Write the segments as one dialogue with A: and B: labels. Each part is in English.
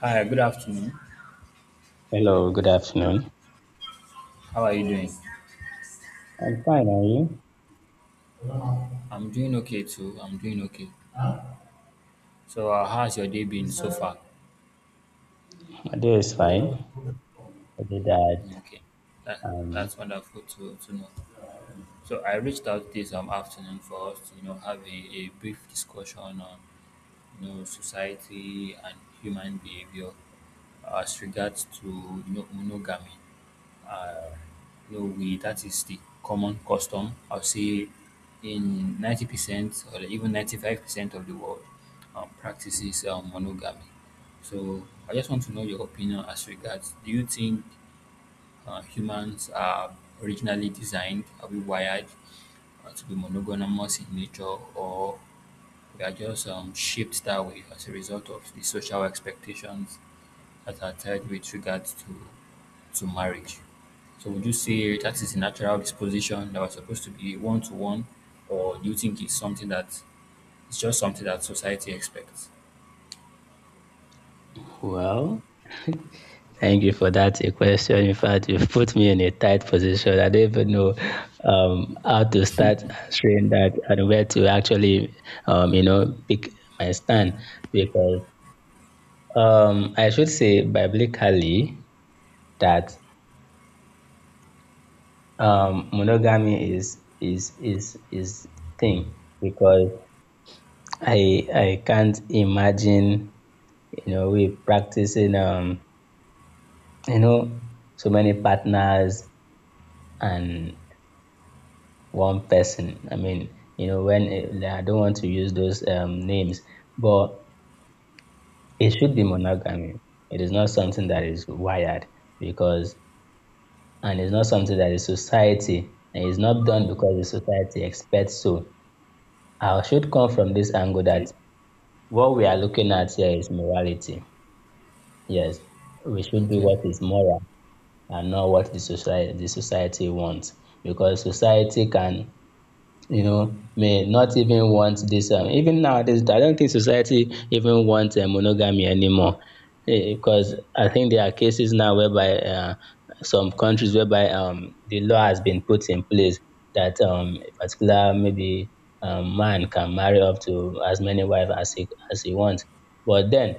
A: Hi, good afternoon.
B: Hello, good afternoon.
A: How are you doing?
B: I'm fine, are you?
A: Yeah, I'm doing okay too. I'm doing okay. So, how's your day been so far?
B: My day is fine.
A: Mm.
B: Other than that,
A: Okay, that,
B: um,
A: that's wonderful to know. So I reached out this afternoon for us to, you know, have a brief discussion on, you know, society and human behavior as regards to, you know, monogamy. Uh, we that is the common custom. I'll say in 90% or even 95% of the world practices monogamy. So I just want to know your opinion as regards. Do you think humans are originally designed, are we wired to be monogamous in nature, or we are just shaped that way as a result of the social expectations that are tied with regards to marriage. So would you say that is a natural disposition that was supposed to be one to one, or do you think it's something that it's just something that society expects?
B: well, thank you for that a question. In fact, you've put me in a tight position. I don't even know how to start answering that and where to actually, you know, pick my stand because I should say biblically that monogamy is the thing because I can't imagine you know we practicing you know so many partners and one person. I mean, you know when it, I don't want to use those names but it should be monogamy. It is not something that is wired because and it's not something that is society, and it's not done because the society expects so. I should come from this angle
A: Okay.
B: that what we are looking at here is morality. Yes, we should do
A: Okay.
B: what is moral and not what the society wants because society can, you know, may not even want this even nowadays. I don't think society even wants monogamy anymore. Eh, because I think there are cases now whereby some countries whereby the law has been put in place that a particular maybe man can marry up to as many wives as he wants. But then,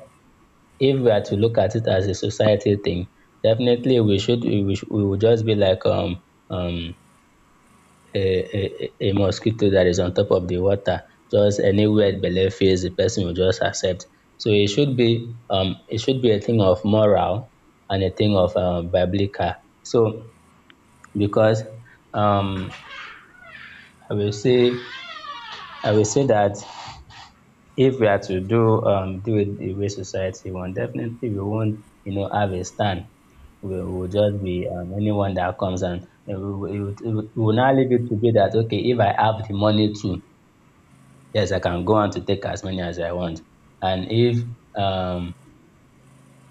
B: if we are to look at it as a society thing, definitely we should we, sh- we would just be like um a mosquito that is on top of the water. Just anywhere belief face the person will just accept. So it should be a thing of moral and a thing of biblical. So because um I will say I will say that if we are to do do it the way society want, definitely we won't, you know, have a stand. We will just be anyone that comes and we will now leave it to be that okay, if I have the money too, yes, I can go on to take as many as I want. And um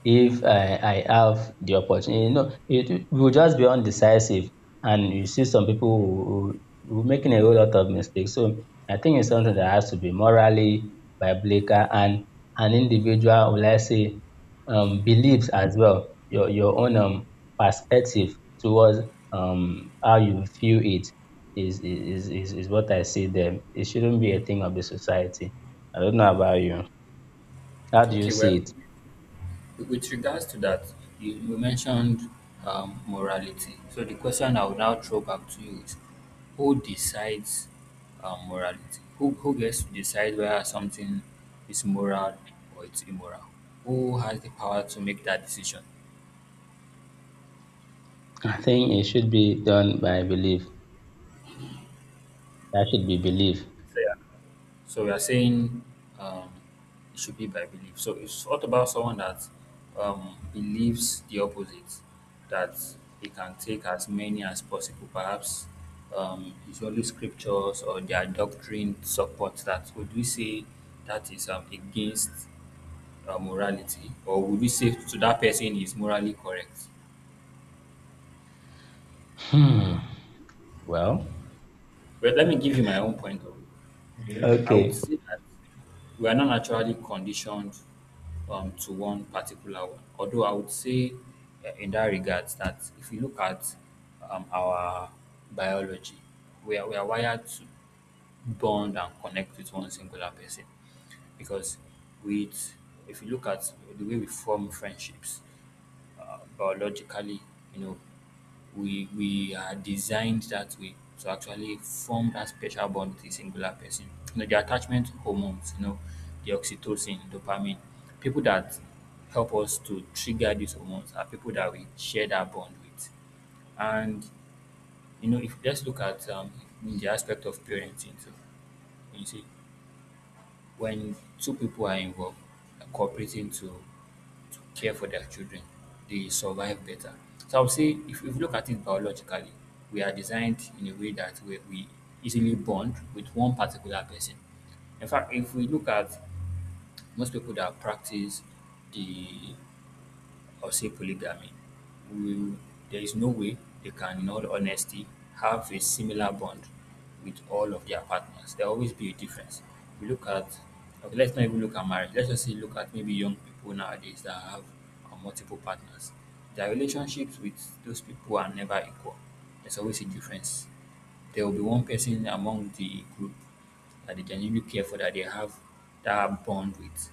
B: if I have the opportunity, you know, it will just be undecisive, and you see some people who making a whole lot of mistakes. So I think it's something that has to be morally, biblical, and an individual, will I say, beliefs as well. Your own perspective towards how you feel it is what I see there. It shouldn't be a thing of the society. I don't know about you. How do you
A: Okay.
B: see
A: Well,
B: it?
A: with regards to that, you mentioned morality. So the question I will now throw back to you is, who decides morality? Who gets to decide whether something is moral or it's immoral? Who has the power to make that decision?
B: I think it should be done by belief. That should be belief.
A: So yeah. So we are saying um, it should be by belief. So it's what about someone that believes the opposite, that he can take as many as possible, perhaps his holy scriptures or their doctrine supports that. Would we say that is against morality, or would we say to that person is morally correct?
B: Hmm. Well,
A: Well, let me give you my own point of view. I would
B: okay.
A: say that we are not naturally conditioned to one particular one. Although I would say, in that regards, that if you look at our biology, we are wired to bond and connect with one singular person because with if you look at the way we form friendships biologically, you know, we are designed that way to actually form that special bond with a singular person. You know, the attachment hormones, you know, the oxytocin dopamine, people that help us to trigger these hormones are people that we share that bond with. And, you know, if let's look at in the aspect of parenting. So you see when two people are involved, like cooperating to care for their children, they survive better. So I would say if you look at it biologically, we are designed in a way that we easily bond with one particular person. In fact, if we look at most people that practice the or say polygamy, will, there is no way they can, in all honesty, have a similar bond with all of their partners. There will always be a difference. We look at, okay, let's not even look at marriage. Let's just say look at maybe young people nowadays that have multiple partners. Their relationships with those people are never equal. There's always a difference. There will be one person among the group that they genuinely care for, that they have that bond with.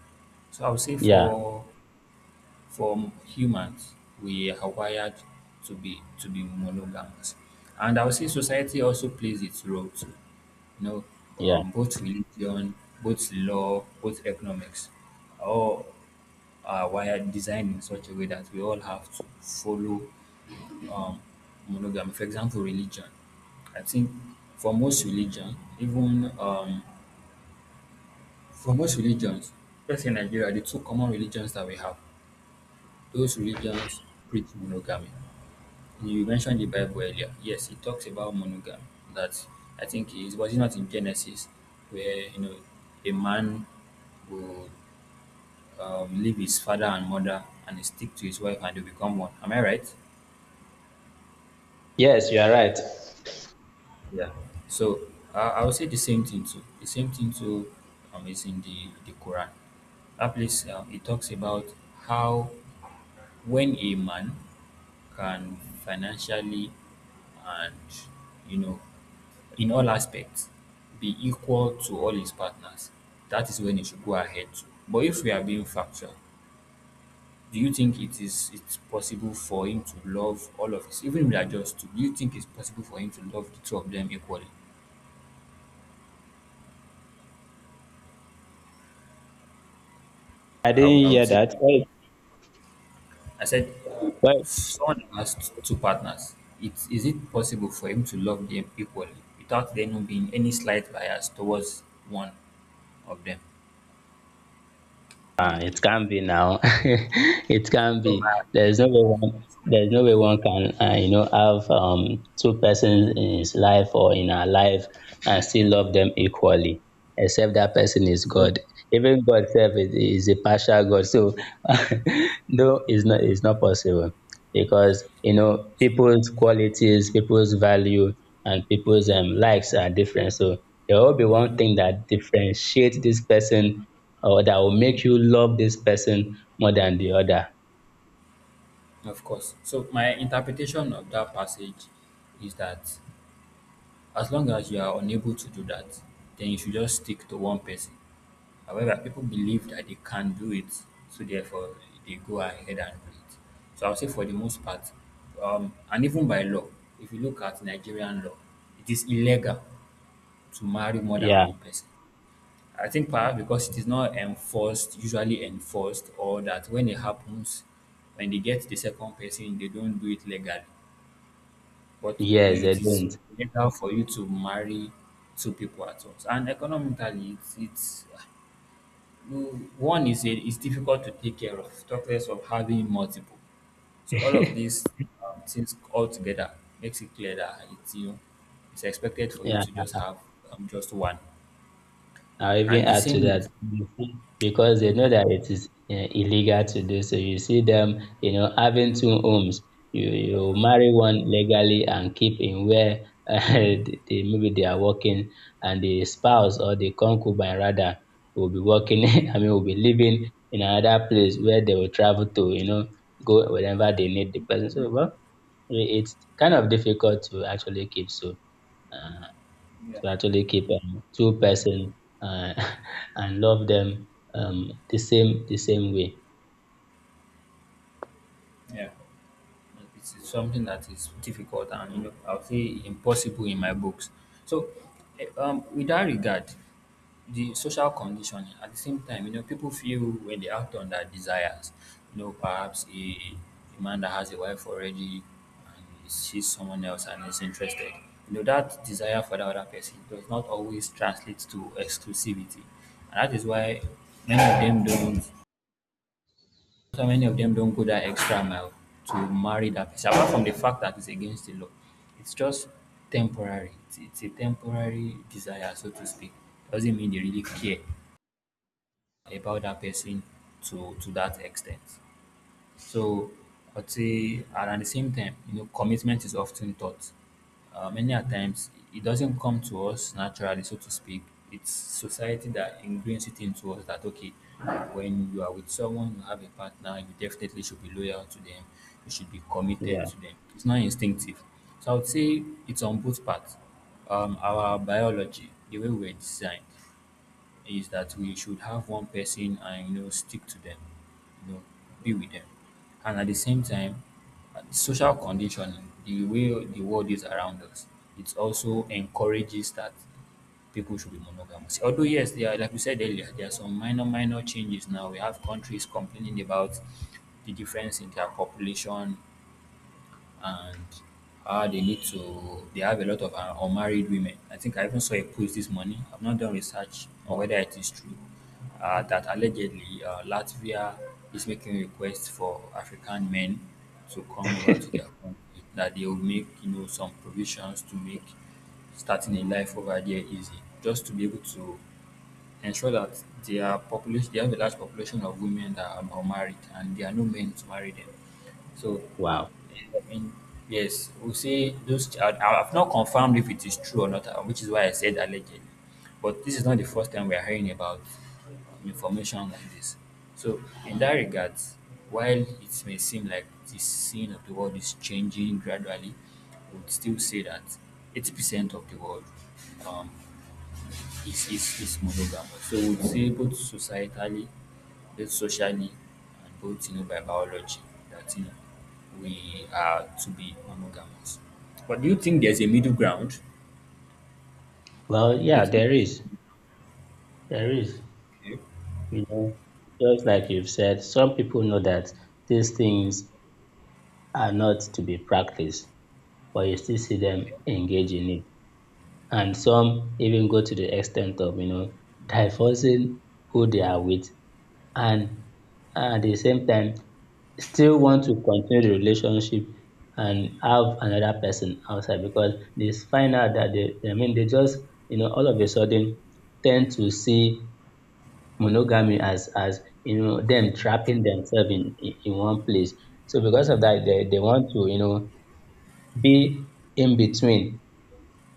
A: So I would say
B: Yeah,
A: for humans, we are wired to be monogamous. And I would say society also plays its role too. You know,
B: yeah.
A: both religion, both law, both economics, all are wired designed in such a way that we all have to follow um, monogamy. For example, religion. I think for most religion, even for most religions, let's say Nigeria, the two common religions that we have, those religions preach monogamy. You mentioned the Bible earlier. Yes, it talks about monogamy. That I think is was it not in Genesis where, you know, a man will leave his father and mother and stick to his wife and they become one. Am I right?
B: Yes, you are right.
A: Yeah. So I would say the same thing too. The same thing too is in the Quran. That place, it talks about how when a man can financially and, you know, in all aspects be equal to all his partners, that is when he should go ahead to. But if we are being factual, do you think it is it's possible for him to love all of us, even if they are just two? Do you think it's possible for him to love the two of them equally?
B: I didn't
A: I
B: hear
A: would say,
B: that.
A: I said,
B: Why,
A: someone has two partners. It, is it possible for him to love them equally without there not being any slight bias towards one of them?
B: ah, it can be now. It can
A: So
B: be.
A: my,
B: There's no way one, there's no way one can, you know, have two persons in his life or in our life and still love them equally, except that person is
A: so,
B: God. Even God self is a partial God. So no, it's not possible because you know people's qualities, people's value, and people's likes are different. So there will be one thing that differentiates this person or that will make you love this person more than the other.
A: of course. So my interpretation of that passage is that as long as you are unable to do that, then you should just stick to one person. However, people believe that they can do it, so therefore they go ahead and do it. So I'll say for the most part, and even by law, if you look at Nigerian law, it is illegal to marry more than
B: Yeah.
A: one person. I think perhaps because it is not enforced, usually enforced, or that when it happens, when they get the second person, they don't do it legally. But
B: Yes,
A: you
B: they
A: it is
B: don't.
A: illegal for you to marry two people at once, and economically, it's you one is a is difficult to take care of, talk less of having multiple. So all of these, things all together makes it clear that it's, you know, it's expected for you
B: Yeah.
A: to just have, just one.
B: I'll even
A: And the
B: add to
A: same
B: that.
A: with
B: You see, because they know that it is, eh, illegal to do so. You see them, you know, having two homes. You marry one legally and keep in where maybe they are working, and the spouse or the concubine rather will be working. I mean, will be living in another place where they will travel to. You know, go whenever they need the person. So, well, it's kind of difficult to actually keep so uh, to
A: yeah,
B: actually keep two person, uh, and love them the same way.
A: yeah. It's something that is difficult and, you know, I'll say impossible in my books. So, with that regard, the social conditioning at the same time, you know, people feel when they act on their desires, you know, perhaps a man that has a wife already and he sees someone else and is interested, you know, that desire for that other person does not always translate to exclusivity. And that is why many of them don't so many of them don't go that extra mile to marry that person. Apart from the fact that it's against the law, it's just temporary. It's a temporary desire, so to speak. Doesn't mean they really care about that person to that extent. So I'd say, and at the same time, you know, commitment is often taught. Many a times, it doesn't come to us naturally, so to speak. It's society that ingrains it into us that, okay, when you are with someone, you have a partner, you definitely should be loyal to them, you should be committed
B: Yeah,
A: to them. It's not instinctive. So I would say it's on both parts. Our biology, the way we're designed, is that we should have one person and, you know, stick to them, you know, be with them. And at the same time, social conditioning, the way the world is around us, it also encourages that people should be monogamous. Although yes, there are, like we said earlier, there are some minor changes now. We have countries complaining about the difference in their population and how they need to they have a lot of unmarried women. I think I even saw a post this morning. I've not done research on
B: yeah.
A: whether it is true that allegedly Latvia is making requests for African men to come over to their country that they will make, you know, some provisions to make starting a life over there easy just to be able to ensure that their population they have a large population of women that are unmarried and there are no men to marry them. So,
B: Wow.
A: I mean, yes, we see those. I've not confirmed if it is true or not, which is why I said allegedly. But this is not the first time we are hearing about information like this. So, in that regard, while it may seem like the scene of the world is changing gradually, we would still say that 80% of the world um, is monogamous. So we'd say both societally, both socially, and both, you know, by biology that, you know, we are to be monogamous. But do you think there's a middle ground?
B: Well,
A: Do you
B: yeah,
A: think
B: there
A: there's
B: is,
A: a
B: there is.
A: middle ground?
B: You know, just like you've said, some people know that these things are not to be practiced, but you still see them engage in it. And some even go to the extent of, you know, divorcing who they are with and, at the same time, still want to continue the relationship and have another person outside because they find out that they, I mean, they just, you know, all of a sudden tend to see monogamy as, you know, them trapping themselves in one place. So because of that, they want to, you know, be in between.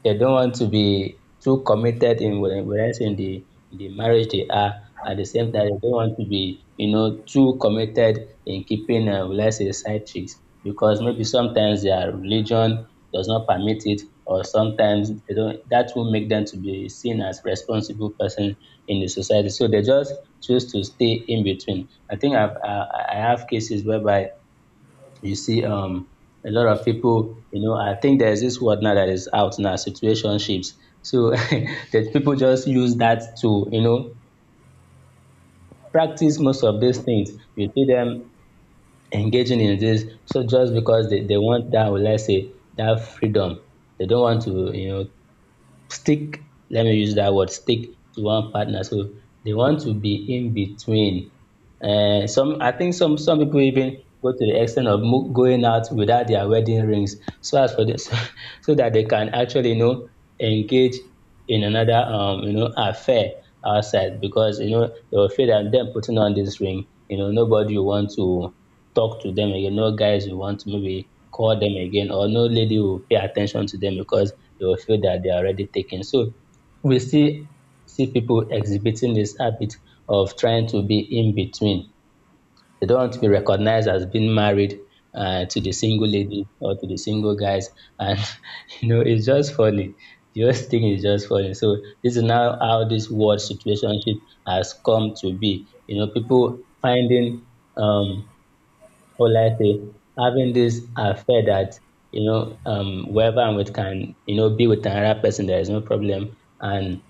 B: They don't want to be too committed in whereas in the marriage they are, at the same time they don't want to be, you know, too committed in keeping, let's say, side chicks because maybe sometimes their religion does not permit it, or sometimes they don't, that will make them to be seen as responsible person in the society, so they just choose to stay in between. I think I've I have cases whereby you see, a lot of people, you know, I think there's this word now that is out now, situationships. So that people just use that to, you know, practice most of these things. You see them engaging in this, so just because they want that, let's say, that freedom, they don't want to, you know, stick, let me use that word stick, to one partner. So they want to be in between. Some, I think some people even go to the extent of going out without their wedding rings so as for this so that they can actually, you know, engage in another, you know, affair outside, because you know they are afraid of them putting on this ring, you know, nobody will want to talk to them again, no guys will want to maybe call them again, or no lady will pay attention to them because they will feel that they are already taken. So we still see people exhibiting this habit of trying to be in between. They don't want to be recognized as being married, to the single lady or to the single guys. And, you know, it's just funny. The whole thing is just funny. So this is now how this word situationship has come to be. You know, people finding, um, will I say, having this affair that, you know, wherever I'm with can, you know, be with another person, there is no problem. And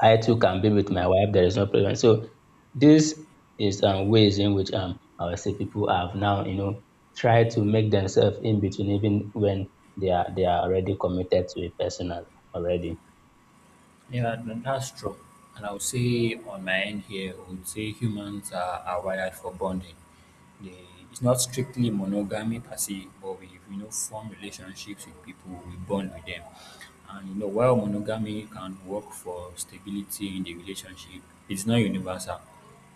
B: I too can be with my wife, there is no problem. So this is, ways in which I would say people have now, you know, tried to make themselves in between, even when they are already committed to a person already.
A: Yeah, that's true. And I would say on my end here, I would say humans are wired for bonding. They, it's not strictly monogamy per se, but we, you know, form relationships with people, we bond with them. And, you know, while monogamy can work for stability in the relationship, it's not universal.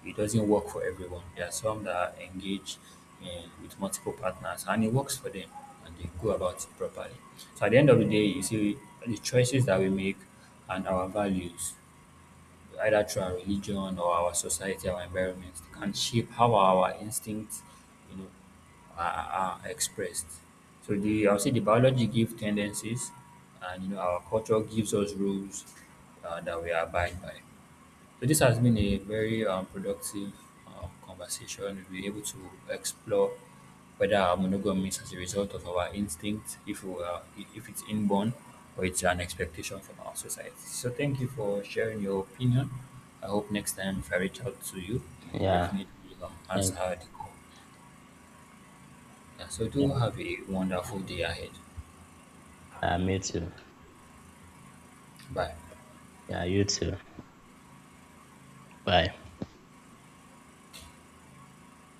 A: It doesn't work for everyone. There are some that are engaged in, with multiple partners, and it works for them, and they go about it properly. So at the end of the day, you see the choices that we make and our values, either through our religion or our society, our environment, can shape how our instincts, you know, are expressed. So the I'll say the biology gives tendencies, and, you know, our culture gives us rules that we abide by. So this has been a very productive conversation. We've been able to explore whether our monogamy is as a result of our instinct, if we are, if it's inborn, or it's an expectation from our society. So thank you for sharing your opinion. I hope next time if I reach out to you, you
B: Yeah.
A: definitely
B: Thank
A: answer the call. Yeah, so do
B: yeah.
A: have a wonderful day ahead.
B: Me too.
A: Bye.
B: Yeah, you too. Bye.